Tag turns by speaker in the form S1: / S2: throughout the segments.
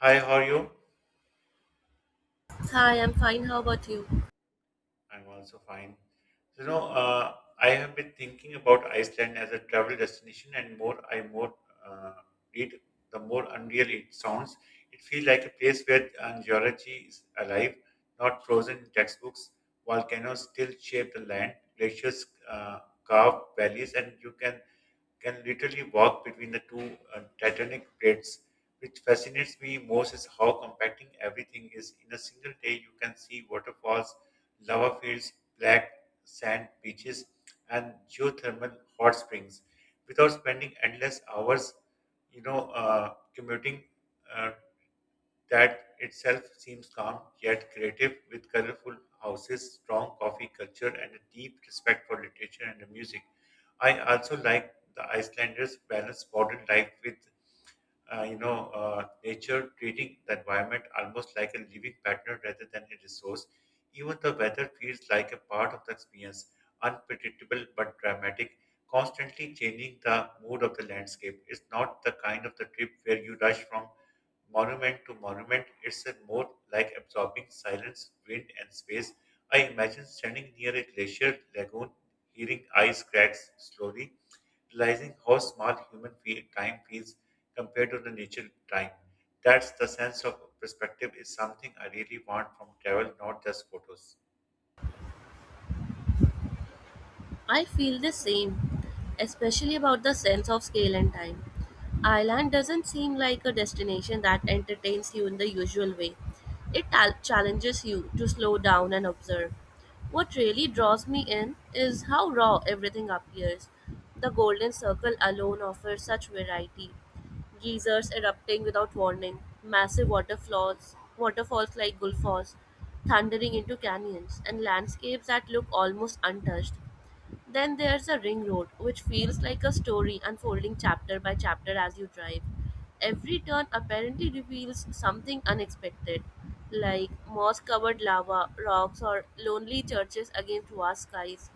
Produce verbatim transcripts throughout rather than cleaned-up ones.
S1: Hi, how are you?
S2: Hi, I'm fine. How about you?
S1: I'm also fine. So, You know, uh, I have been thinking about Iceland as a travel destination, and more I more uh, read, the more unreal it sounds. It feels like a place where uh, geology is alive, not frozen in textbooks. Volcanoes still shape the land, glaciers uh, carve valleys, and you can can literally walk between the two uh, titanic plates. Which fascinates me most is how compacting everything is. In a single day, you can see waterfalls, lava fields, black sand beaches, and geothermal hot springs without spending endless hours, you know, uh, commuting. Uh, that itself seems calm yet creative, with colorful houses, strong coffee culture, and a deep respect for literature and the music. I also like the Icelanders' balanced modern life with, uh, you know, uh, nature, treating the environment almost like a living partner rather than a resource. Even the weather feels like a part of the experience, unpredictable but dramatic, constantly changing the mood of the landscape. It's not the kind of the trip where you rush from monument to monument, it's a more like absorbing silence, wind, and space. I imagine standing near a glacier lagoon, hearing ice cracks slowly, realizing how small human feel, time feels compared to the nature time. That's the sense of perspective is something I really want from travel, not just photos.
S2: I feel the same, especially about the sense of scale and time. Ireland doesn't seem like a destination that entertains you in the usual way. It al- challenges you to slow down and observe. What really draws me in is how raw everything appears. The Golden Circle alone offers such variety. Geysers erupting without warning, massive waterfalls, waterfalls like Gullfoss, thundering into canyons, and landscapes that look almost untouched. Then there's a ring road, which feels like a story unfolding chapter by chapter as you drive. Every turn apparently reveals something unexpected, like moss covered lava, rocks, or lonely churches against vast skies.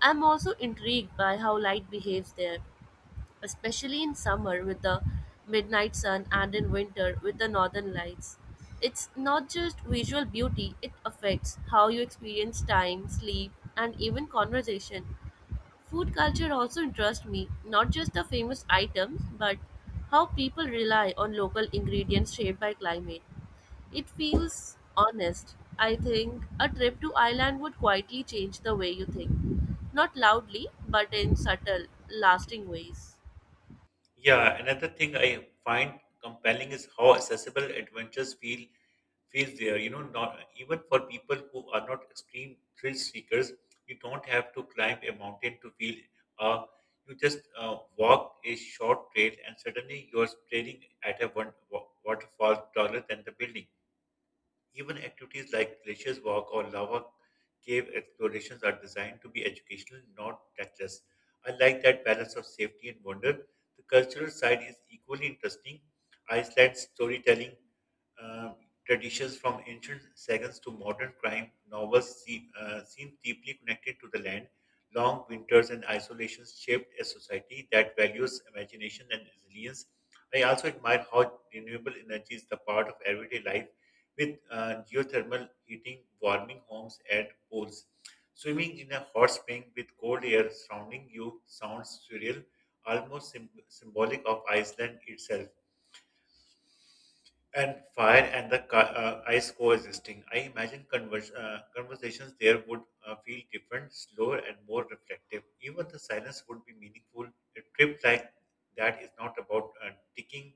S2: I'm also intrigued by how light behaves there, especially in summer with the midnight sun and in winter with the northern lights. It's not just visual beauty, it affects how you experience time, sleep, and even conversation. Food culture also interests me, not just the famous items, but how people rely on local ingredients shaped by climate. It feels honest. I think a trip to Ireland would quietly change the way you think. Not loudly, but in subtle, lasting ways.
S1: Yeah, another thing I find compelling is how accessible adventures feel feels there. You know, not even for people who are not extreme thrill seekers, you don't have to climb a mountain to feel. Uh, you just uh, walk a short trail, and suddenly you're staring at a one, wa- waterfall taller than the building. Even activities like glaciers walk or lava cave explorations are designed to be educational, not reckless. I like that balance of safety and wonder. The cultural side is equally interesting. Iceland's storytelling um, traditions from ancient sagas to modern crime novels seem, uh, seem deeply connected to the land. Long winters and isolations shaped a society that values imagination and resilience. I also admire how renewable energy is the part of everyday life with uh, geothermal heating, warming homes at pools. Swimming in a hot spring with cold air surrounding you sounds surreal, almost symb symbolic of Iceland itself and fire and the ca- uh, ice coexisting. I imagine convers- uh, conversations there would uh, feel different, slower, and more reflective. Even the silence would be meaningful. A trip like that is not about uh, ticking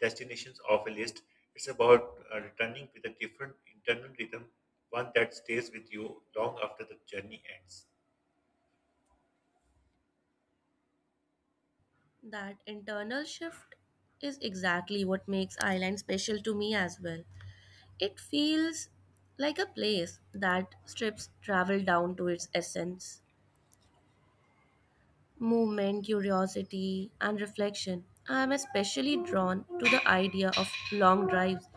S1: destinations off a list, it's about uh, returning with a different internal rhythm, one that stays with you long after the journey ends.
S2: That internal shift is exactly what makes Ireland special to me as well. It feels like a place that strips travel down to its essence. Movement, curiosity, and reflection. I am especially drawn to the idea of long drives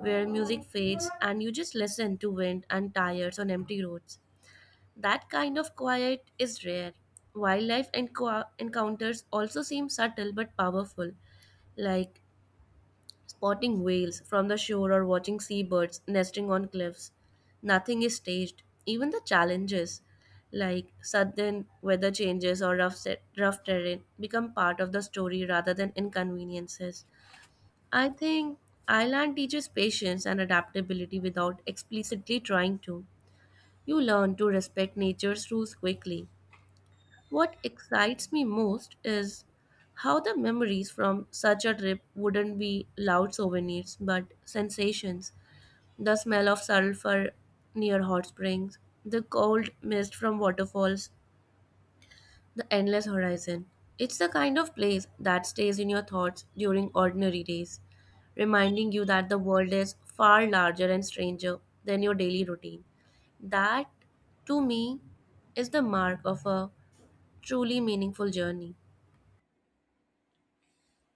S2: where music fades and you just listen to wind and tires on empty roads. That kind of quiet is rare. Wildlife enco- encounters also seem subtle but powerful, like spotting whales from the shore or watching seabirds nesting on cliffs. Nothing is staged. Even the challenges, like sudden weather changes or rough, set, rough terrain, become part of the story rather than inconveniences. I think Island teaches patience and adaptability without explicitly trying to. You learn to respect nature's rules quickly. What excites me most is how the memories from such a trip wouldn't be loud souvenirs but sensations. The smell of sulfur near hot springs, the cold mist from waterfalls, the endless horizon. It's the kind of place that stays in your thoughts during ordinary days, reminding you that the world is far larger and stranger than your daily routine. That, to me, is the mark of a truly meaningful journey.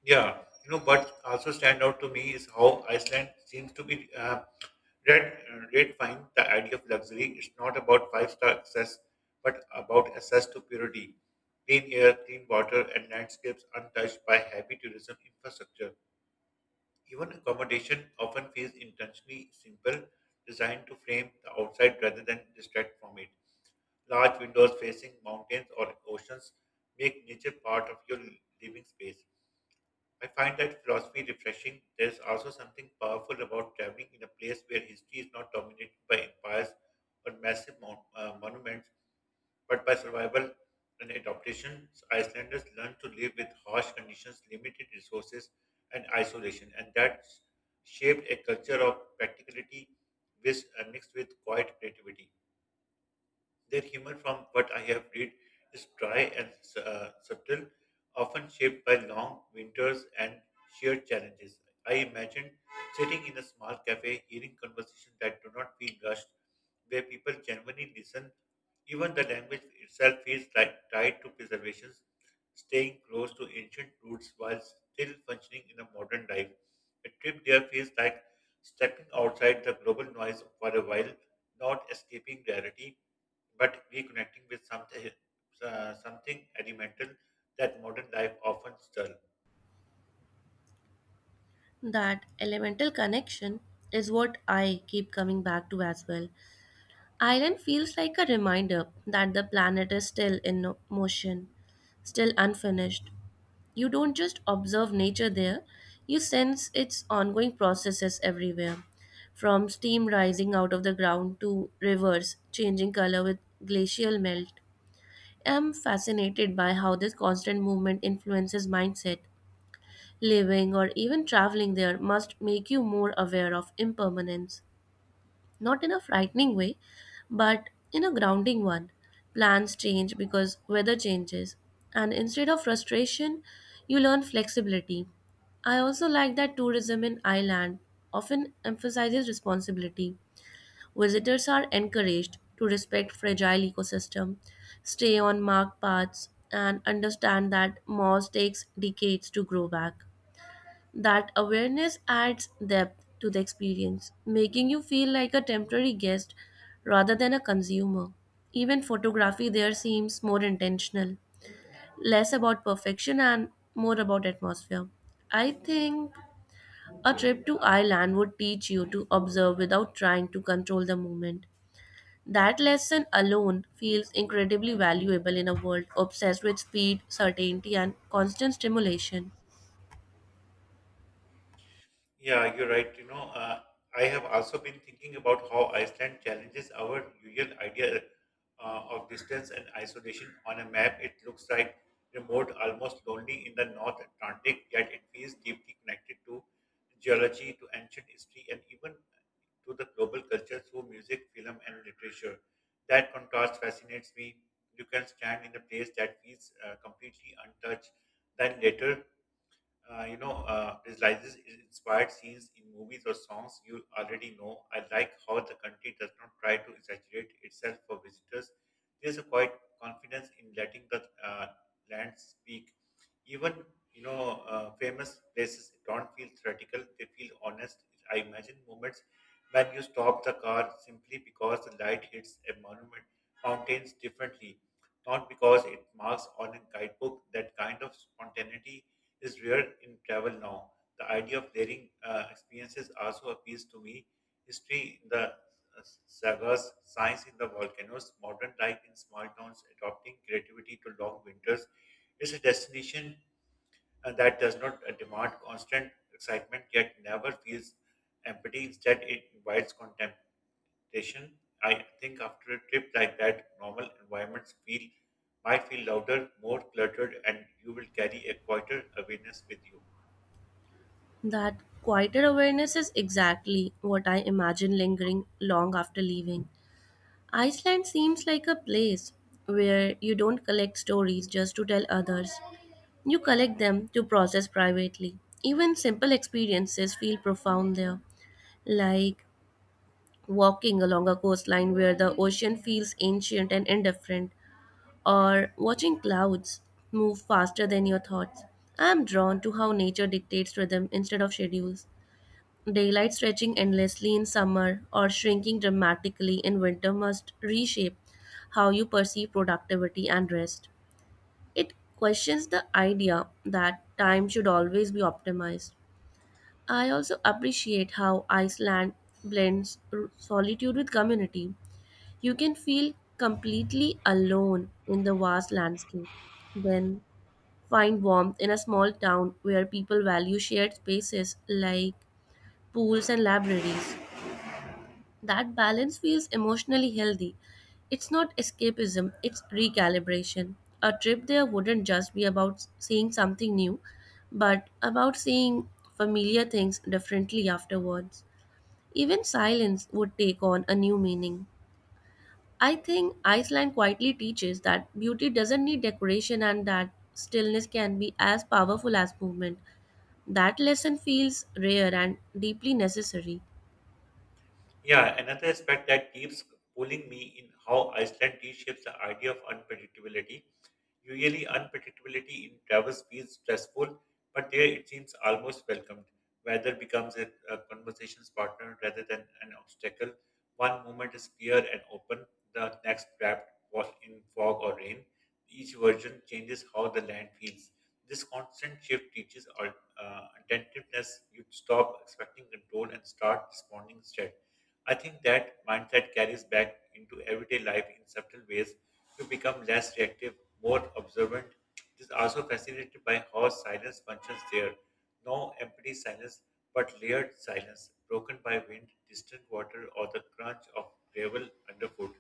S1: Yeah, you know, what also stand out to me is how Iceland seems to be uh, red, uh, red fine the idea of luxury. It's not about five star access, but about access to purity, clean air, clean water, and landscapes untouched by heavy tourism infrastructure. Even accommodation often feels intentionally simple, designed to frame the outside rather than distract from it. Large windows facing mountains or oceans make nature part of your living space. I find that philosophy refreshing. There is also something powerful about traveling in a place where history is not dominated by empires or massive mon- uh, monuments, but by survival and adaptation. Icelanders learn to live with harsh conditions, limited resources, and isolation, and that shaped a culture of practicality with, uh, mixed with quiet creativity. Their humor, from what I have read, is dry and uh, subtle, often shaped by long winters and sheer challenges. I imagine sitting in a small cafe, hearing conversations that do not feel rushed, where people genuinely listen. Even the language itself feels like tied to preservations, staying close to ancient roots while still functioning in a modern life. A trip there feels like stepping outside the global noise for a while, not escaping reality but reconnecting with something uh, something elemental that modern life often dull.
S2: That elemental connection is what I keep coming back to as well. Island feels like a reminder that the planet is still in no- motion, still unfinished. You don't just observe nature there, you sense its ongoing processes everywhere, from steam rising out of the ground to rivers changing color with glacial melt. I'm fascinated by how this constant movement influences mindset. Living or even traveling there must make you more aware of impermanence, not in a frightening way, but in a grounding one. Plans change because weather changes, and instead of frustration, you learn flexibility. I also like that tourism in Ireland often emphasizes responsibility. Visitors are encouraged to respect fragile ecosystem, stay on marked paths, and understand that moss takes decades to grow back. That awareness adds depth to the experience, making you feel like a temporary guest rather than a consumer. Even photography there seems more intentional, less about perfection and more about atmosphere. I think a trip to Ireland would teach you to observe without trying to control the moment. That lesson alone feels incredibly valuable in a world obsessed with speed, certainty, and constant stimulation.
S1: Yeah, you're right. You know, uh, I have also been thinking about how Iceland challenges our usual idea uh, of distance and isolation. On a map, it looks like remote, almost lonely in the North Atlantic, yet it feels deeply connected to geology, to ancient history, and even to the global culture through music, film, and literature. That contrast fascinates me. You can stand in a place that feels uh, completely untouched, then later uh, you know, uh, utilizes inspired scenes in movies or songs you already know. I like how the country does not try to exaggerate itself for visitors. There's a quiet confidence in letting the uh, land speak. Even, you know, uh, famous places don't feel theoretical, they feel honest. I imagine moments when you stop the car simply because the light hits a monument, mountains differently, not because it marks on a guidebook. That kind of spontaneity is rare in travel now. The idea of layering uh, experiences also appeals to me. History in the uh, sagas, science in the volcanoes, modern life in small towns, adopting creativity to long winters. It's a destination uh, that does not uh, demand constant excitement yet never feels empty. Instead, it invites contemplation. I think after a trip like that, normal environments feel might feel louder, more cluttered, and you will carry a quieter awareness with you.
S2: That quieter awareness is exactly what I imagine lingering long after leaving. Iceland seems like a place where you don't collect stories just to tell others, you collect them to process privately. Even simple experiences feel profound there, like walking along a coastline where the ocean feels ancient and indifferent, or watching clouds move faster than your thoughts. I am drawn to how nature dictates rhythm instead of schedules. Daylight stretching endlessly in summer or shrinking dramatically in winter must reshape how you perceive productivity and rest. It questions the idea that time should always be optimized. I also appreciate how Iceland blends r- solitude with community. You can feel completely alone in the vast landscape, then find warmth in a small town where people value shared spaces like pools and libraries. That balance feels emotionally healthy. It's not escapism, it's recalibration. A trip there wouldn't just be about seeing something new, but about seeing familiar things differently afterwards. Even silence would take on a new meaning. I think Iceland quietly teaches that beauty doesn't need decoration and that stillness can be as powerful as movement. That lesson feels rare and deeply necessary.
S1: Yeah, another aspect that keeps pulling me in how Iceland reshapes the idea of unpredictability. Usually, unpredictability in travels feels stressful, but there it seems almost welcomed. Weather becomes a, a conversation's partner rather than an obstacle. One moment is clear and open, the next wrapped wa- in fog or rain. Each version changes how the land feels. This constant shift teaches our, uh, attentiveness. You stop expecting control and start responding instead. I think that mindset carries back into everyday life in subtle ways. You become less reactive, more observant. It is also fascinated by how silence functions there. No empty silence, but layered silence, broken by wind, distant water, or the crunch of gravel underfoot.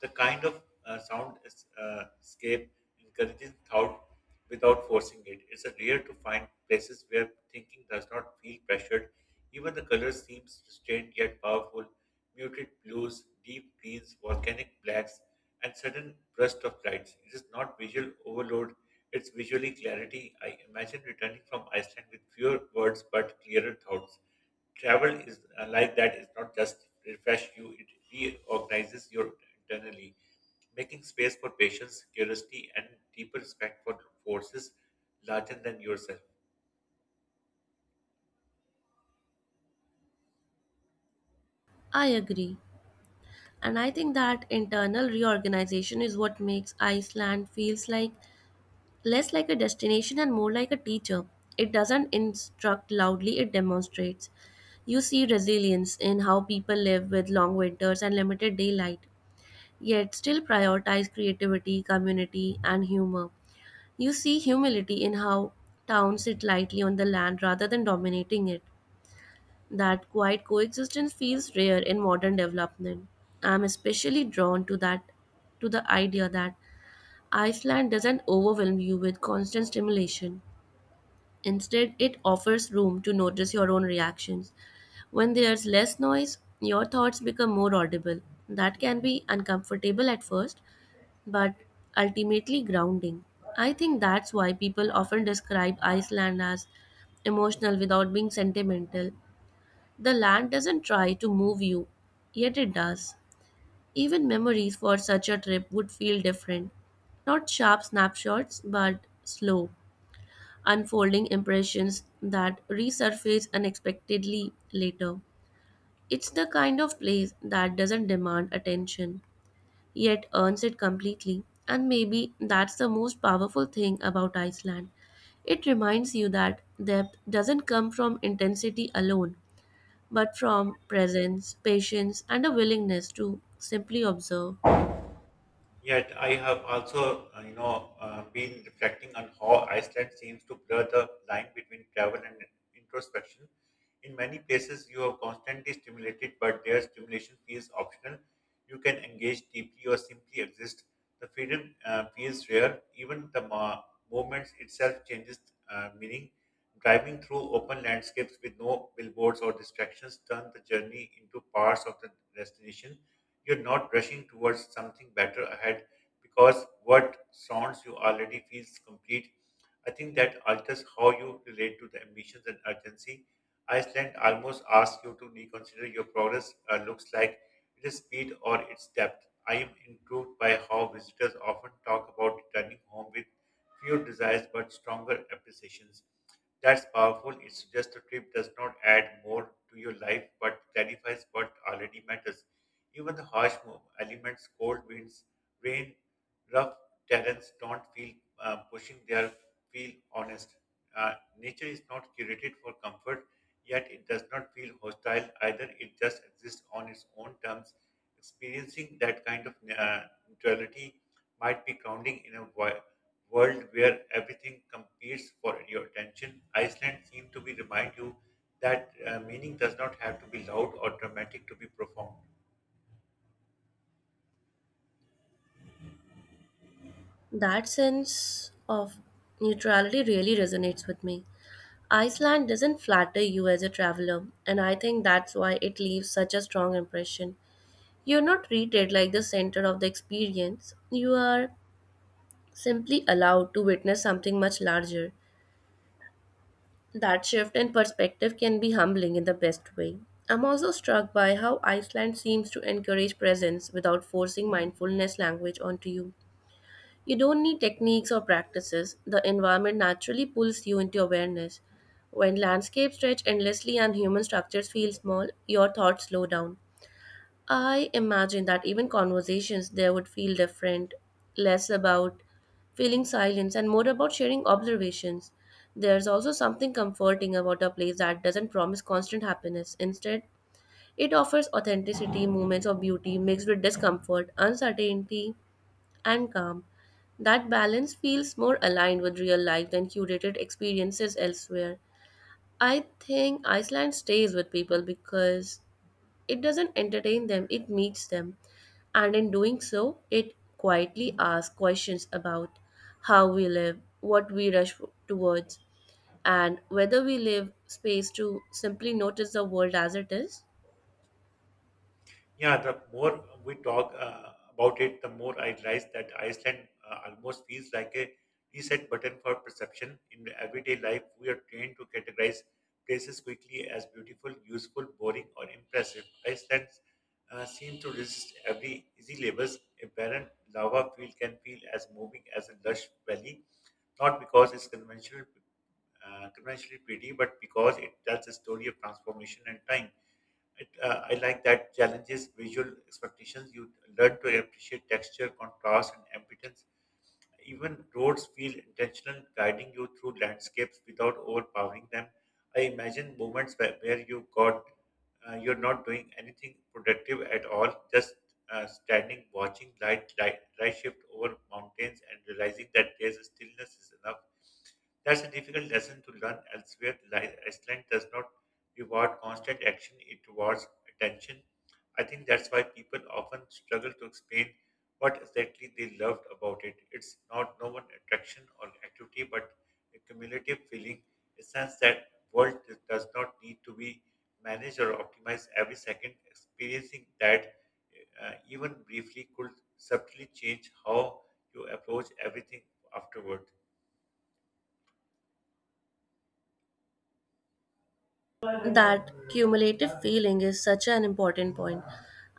S1: The kind of uh, sound es- uh, escape encourages thought without forcing it. It's a rare to find places where thinking does not feel pressured. Even the colors seems restrained yet powerful, muted blues, deep greens, volcanic blacks, and sudden bursts of lights. It is not visual overload, it's visually clarity. I imagine returning from Iceland with fewer words but clearer thoughts. Travel is uh, like that, it's not just refresh you, it reorganizes your internally, making space for patience, curiosity, and deeper respect for forces larger than yourself.
S2: I agree. And I think that internal reorganization is what makes Iceland feels like less like a destination and more like a teacher. It doesn't instruct loudly, it demonstrates. You see resilience in how people live with long winters and limited daylight, yet still prioritize creativity, community, and humor. You see humility in how towns sit lightly on the land rather than dominating it. That quiet coexistence feels rare in modern development. I'm especially drawn to that to the idea that Iceland doesn't overwhelm you with constant stimulation. Instead, it offers room to notice your own reactions. When there's less noise, your thoughts become more audible. That can be uncomfortable at first, but ultimately grounding. I think that's why people often describe Iceland as emotional without being sentimental. The land doesn't try to move you, yet it does. Even memories for such a trip would feel different. Not sharp snapshots, but slow, unfolding impressions that resurface unexpectedly later. It's the kind of place that doesn't demand attention, yet earns it completely. And maybe that's the most powerful thing about Iceland. It reminds you that depth doesn't come from intensity alone, but from presence, patience, and a willingness to simply observe.
S1: Yet I have also, uh, you know, uh, been reflecting on how Iceland seems to blur the line between travel and introspection. In many places, you are constantly stimulated, but their stimulation feels optional. You can engage deeply or simply exist. The freedom uh, feels rare. Even the ma- movement itself changes uh, meaning. Driving through open landscapes with no billboards or distractions turn the journey into parts of the destination, you're not rushing towards something better ahead because what surrounds you already feels complete. I think that alters how you relate to the ambitions and urgency. Iceland almost asks you to reconsider your progress uh, looks like it is speed or its depth. I am intrigued by how visitors often talk about returning home with fewer desires but stronger appreciations. That's powerful. It's just a trip does not add more to your life but clarifies what already matters. Even the harsh mo- elements, cold winds, rain, rough terrains don't feel uh, pushing, they are, feel honest. Uh, nature is not curated for comfort, yet it does not feel hostile either. It just exists on its own terms. Experiencing that kind of uh, neutrality might be grounding in a wi- world where everything competes for your attention. Iceland seems to be remind you that uh, meaning does not have to be loud or dramatic to be profound.
S2: That sense of neutrality really resonates with me. Iceland doesn't flatter you as a traveler, and I think that's why it leaves such a strong impression. You're not treated like the center of the experience, you are simply allowed to witness something much larger. That shift in perspective can be humbling in the best way. I'm also struck by how Iceland seems to encourage presence without forcing mindfulness language onto you. You don't need techniques or practices, the environment naturally pulls you into awareness. When landscapes stretch endlessly and human structures feel small, your thoughts slow down. I imagine that even conversations there would feel different, less about feeling silence and more about sharing observations. There's also something comforting about a place that doesn't promise constant happiness. Instead, it offers authenticity, moments of beauty mixed with discomfort, uncertainty, and calm. That balance feels more aligned with real life than curated experiences elsewhere. I think Iceland stays with people because it doesn't entertain them, it meets them. And in doing so, it quietly asks questions about how we live, what we rush towards, and whether we leave space to simply notice the world as it is.
S1: Yeah, the more we talk uh, about it, the more I realize that Iceland uh, almost feels like a reset button for perception. In everyday life, we are trained to categorize places quickly as beautiful, useful, boring, or impressive. Iceland uh, seems to resist every easy labels. A barren lava field can feel as moving as a lush valley, not because it's conventional, uh, conventionally pretty, but because it tells a story of transformation and time. It, uh, I like that challenges visual expectations. You learn to appreciate texture, contrast, and ambience. Even roads feel intentional, guiding you through landscapes without overpowering them. I imagine moments where, where you got uh, you're not doing anything productive at all, just uh, standing, watching light, light light shift over mountains, and realizing that there's a stillness is enough. That's a difficult lesson to learn elsewhere. Li- Iceland does not reward constant action, it rewards attention. I think that's why people often struggle to explain what exactly they loved about it. It's not no one attraction or activity, but a cumulative feeling, a sense that world d- does not need to be managed or optimized every second. Experiencing that, uh, even briefly, could subtly change how you approach everything afterward.
S2: That cumulative feeling is such an important point.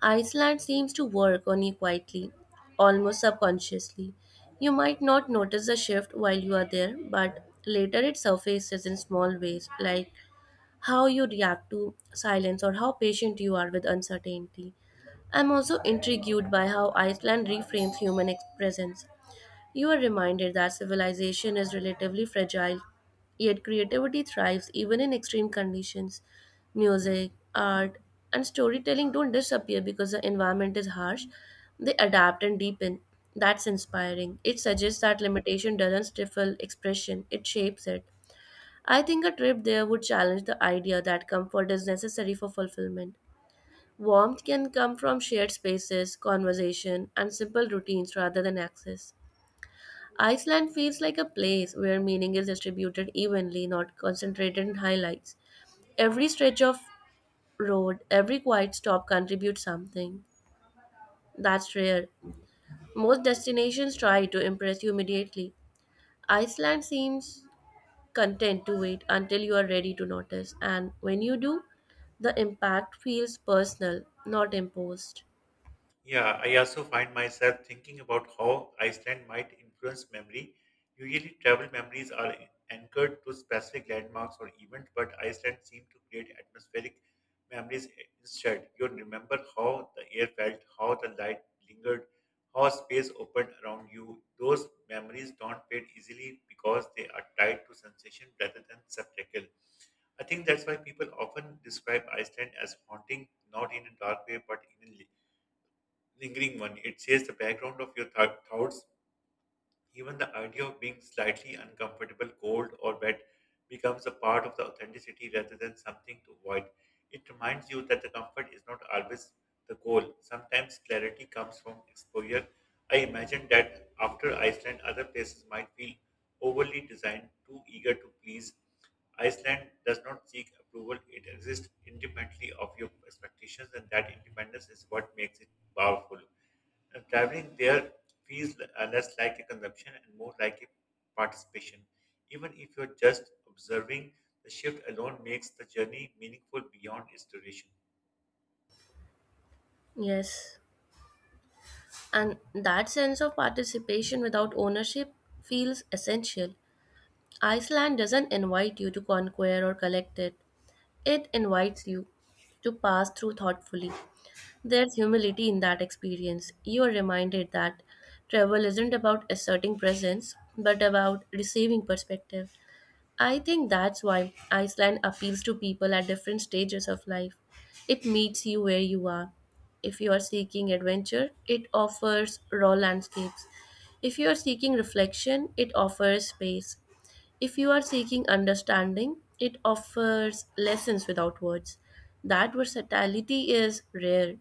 S2: Iceland seems to work on you quietly, almost subconsciously. You might not notice the shift while you are there, but later it surfaces in small ways, like how you react to silence or how patient you are with uncertainty. I'm also intrigued by how Iceland reframes human ex- presence. You are reminded that civilization is relatively fragile, yet creativity thrives even in extreme conditions. Music, art, and storytelling don't disappear because the environment is harsh, they adapt and deepen. That's inspiring. It suggests that limitation doesn't stifle expression, it shapes it. I think a trip there would challenge the idea that comfort is necessary for fulfillment. Warmth can come from shared spaces, conversation, and simple routines rather than access. Iceland feels like a place where meaning is distributed evenly, not concentrated in highlights. Every stretch of road, every quiet stop contributes something. That's rare. Most destinations try to impress you immediately. Iceland seems content to wait until you are ready to notice. And when you do, the impact feels personal, not imposed.
S1: Yeah, I also find myself thinking about how Iceland might influence memory. Usually, travel memories are anchored to specific landmarks or events, but Iceland seemed to create atmospheric memories instead. You remember how the air felt, how the light lingered, how space opened around you. Those memories don't fade easily because they are tied to sensation rather than spectacle. I think that's why people often describe Iceland as haunting, not in a dark way, but in a lingering one. It says the background of your th- thoughts, even the idea of being slightly uncomfortable, cold, or wet becomes a part of the authenticity rather than something to avoid. It reminds you that the comfort is not always the goal. Sometimes clarity comes from exposure. I imagine that after Iceland, other places might feel overly designed, too eager to please. Iceland does not seek approval, it exists independently of your expectations, and that independence is what makes it powerful. And traveling there feels l- uh, less like a consumption and more like a participation. Even if you're just observing, the shift alone makes the journey meaningful beyond its duration.
S2: Yes. And that sense of participation without ownership feels essential. Iceland doesn't invite you to conquer or collect it, it invites you to pass through thoughtfully. There's humility in that experience. You are reminded that travel isn't about asserting presence, but about receiving perspective. I think that's why Iceland appeals to people at different stages of life. It meets you where you are. If you are seeking adventure, it offers raw landscapes. If you are seeking reflection, it offers space. If you are seeking understanding, it offers lessons without words. That versatility is rare.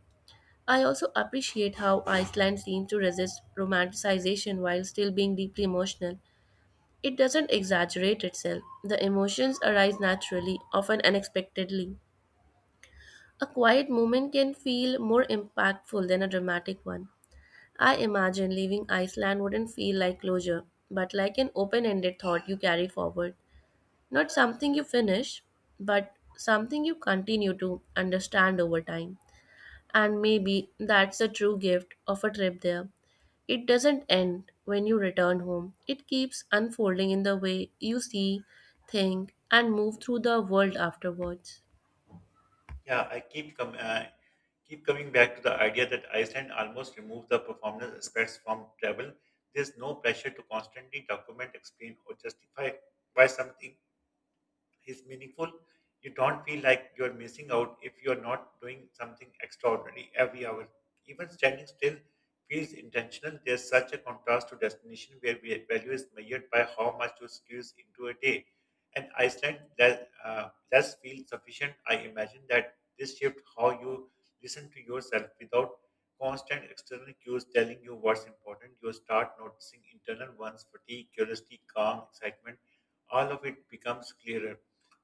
S2: I also appreciate how Iceland seems to resist romanticization while still being deeply emotional. It doesn't exaggerate itself. The emotions arise naturally, often unexpectedly. A quiet moment can feel more impactful than a dramatic one. I imagine leaving Iceland wouldn't feel like closure, but like an open ended thought you carry forward. Not something you finish, but something you continue to understand over time. And maybe that's the true gift of a trip there. It doesn't end when you return home, it keeps unfolding in the way you see, think, and move through the world afterwards.
S1: Yeah, I keep com- uh, keep coming back to the idea that Iceland almost removed the performance aspects from travel. There's no pressure to constantly document, explain, or justify why something is meaningful, you don't feel like you're missing out if you're not doing something extraordinary every hour. Even standing still feels intentional. There's such a contrast to destination where we- value is measured by how much you squeeze into a day. And Iceland that uh, does feel sufficient. I imagine that this shift, how you listen to yourself without constant external cues telling you what's important, you start noticing internal ones, fatigue, curiosity, calm, excitement, all of it becomes clearer.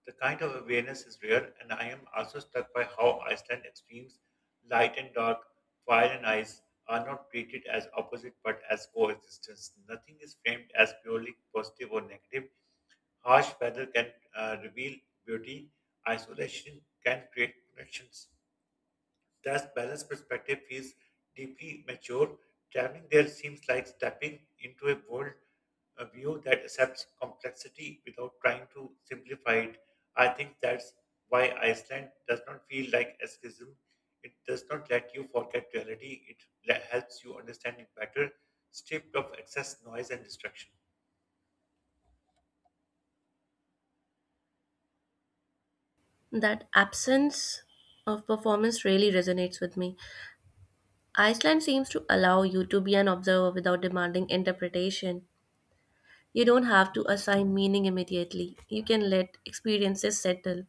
S1: The kind of awareness is rare, and I am also struck by how Iceland extremes, light and dark, fire and ice, are not treated as opposite but as coexistence. Nothing is framed as purely positive or negative. Harsh weather can uh, reveal beauty, isolation can create connections. That balanced perspective feels deeply mature. Traveling there seems like stepping into a world, a view that accepts complexity without trying to simplify it. I think that's why Iceland does not feel like escapism. It does not let you forget reality. It le- helps you understand it better, stripped of excess noise and distraction.
S2: That absence of performance really resonates with me. Iceland seems to allow you to be an observer without demanding interpretation. You don't have to assign meaning immediately, you can let experiences settle.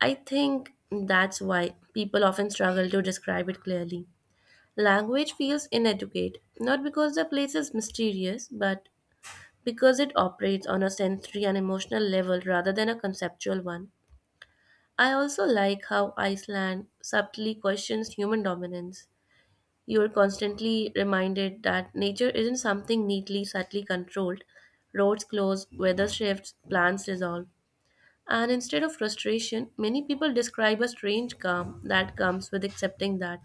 S2: I think that's why people often struggle to describe it clearly. Language feels inadequate, not because the place is mysterious, but because it operates on a sensory and emotional level rather than a conceptual one. I also like how Iceland subtly questions human dominance. You are constantly reminded that nature isn't something neatly, subtly controlled. Roads close, weather shifts, plans dissolve. And instead of frustration, many people describe a strange calm that comes with accepting that.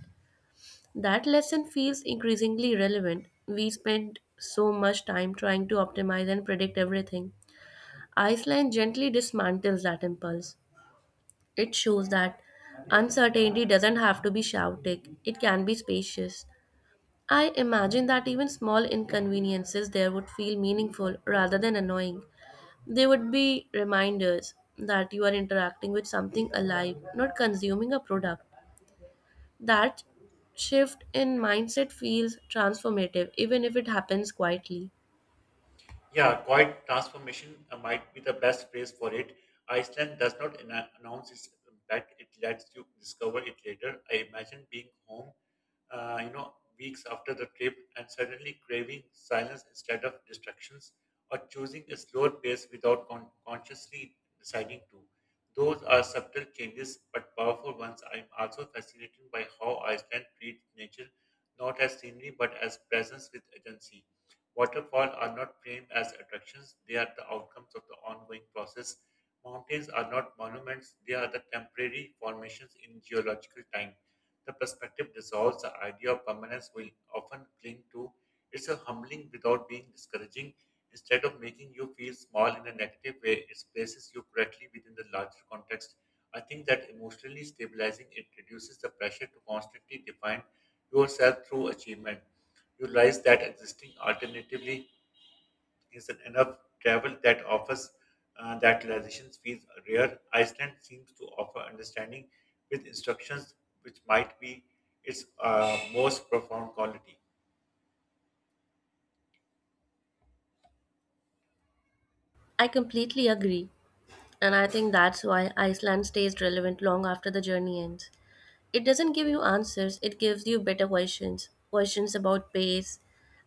S2: That lesson feels increasingly relevant. We spend so much time trying to optimize and predict everything. Iceland gently dismantles that impulse. It shows that uncertainty doesn't have to be shouting, it can be spacious. I imagine that even small inconveniences there would feel meaningful rather than annoying. They would be reminders that you are interacting with something alive, not consuming a product. That shift in mindset feels transformative, even if it happens quietly.
S1: Yeah, quiet transformation uh, might be the best phrase for it. Iceland does not anno- announce its back, it lets you discover it later. I imagine being home, uh, you know, weeks after the trip and suddenly craving silence instead of distractions, or choosing a slower pace without con- consciously deciding to. Those are subtle changes but powerful ones. I'm also fascinated by how Iceland treats nature not as scenery but as presence with agency. Waterfall are not framed as attractions, they are the outcomes of the ongoing process. Mountains are not monuments, they are the temporary formations in geological time. The perspective dissolves the idea of permanence we often cling to. It's a humbling without being discouraging. Instead of making you feel small in a negative way, it places you correctly within the larger context. I think that emotionally stabilizing it reduces the pressure to constantly define yourself through achievement, you realize that existing alternatively isn't enough travel that offers uh, that realization feels rare. Iceland seems to offer understanding with instructions, which might be its uh, most profound quality.
S2: I completely agree, and I think that's why Iceland stays relevant long after the journey ends. It doesn't give you answers, it gives you better questions questions about pace,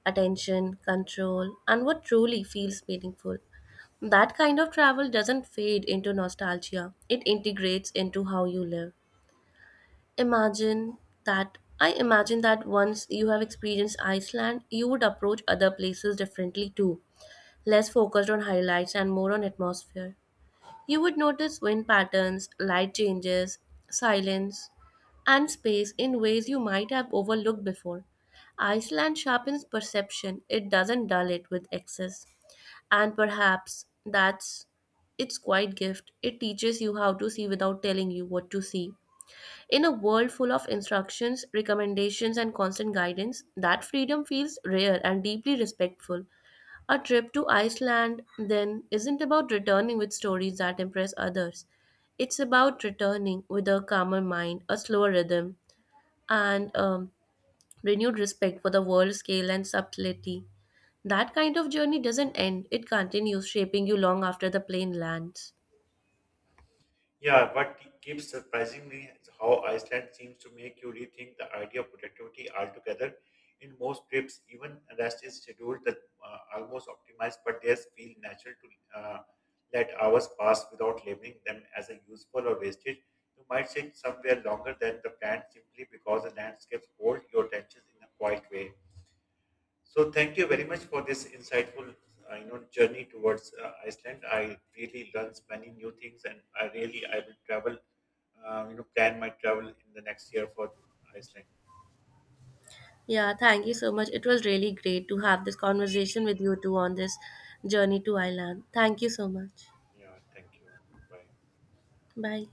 S2: attention, control, and what truly feels meaningful. That kind of travel doesn't fade into nostalgia, it integrates into how you live. Imagine that I imagine that once you have experienced Iceland, you would approach other places differently too, less focused on highlights and more on atmosphere. You would notice wind patterns, light changes, silence, and space in ways you might have overlooked before. Iceland sharpens perception, it doesn't dull it with excess. And perhaps that's its quiet gift. It teaches you how to see without telling you what to see. In a world full of instructions, recommendations, and constant guidance, that freedom feels rare and deeply respectful. A trip to Iceland, then, isn't about returning with stories that impress others. It's about returning with a calmer mind, a slower rhythm, and um, renewed respect for the world scale and subtlety. That kind of journey doesn't end, it continues shaping you long after the plane lands.
S1: Yeah, what ke- keeps surprising me is how Iceland seems to make you rethink the idea of productivity altogether. In most trips, even rest is scheduled that uh, almost optimized, but theirs feel natural to uh, let hours pass without labeling them as a useful or wastage. You might sit somewhere longer than the plan simply because the landscapes hold your attention in a quiet way. So thank you very much for this insightful, uh, you know, journey towards uh, Iceland. I really learned many new things, and I really I will travel, uh, you know, plan my travel in the next year for Iceland.
S2: Yeah, thank you so much. It was really great to have this conversation with you two on this journey to Ireland. Thank you so much.
S1: Yeah, thank you. Bye.
S2: Bye.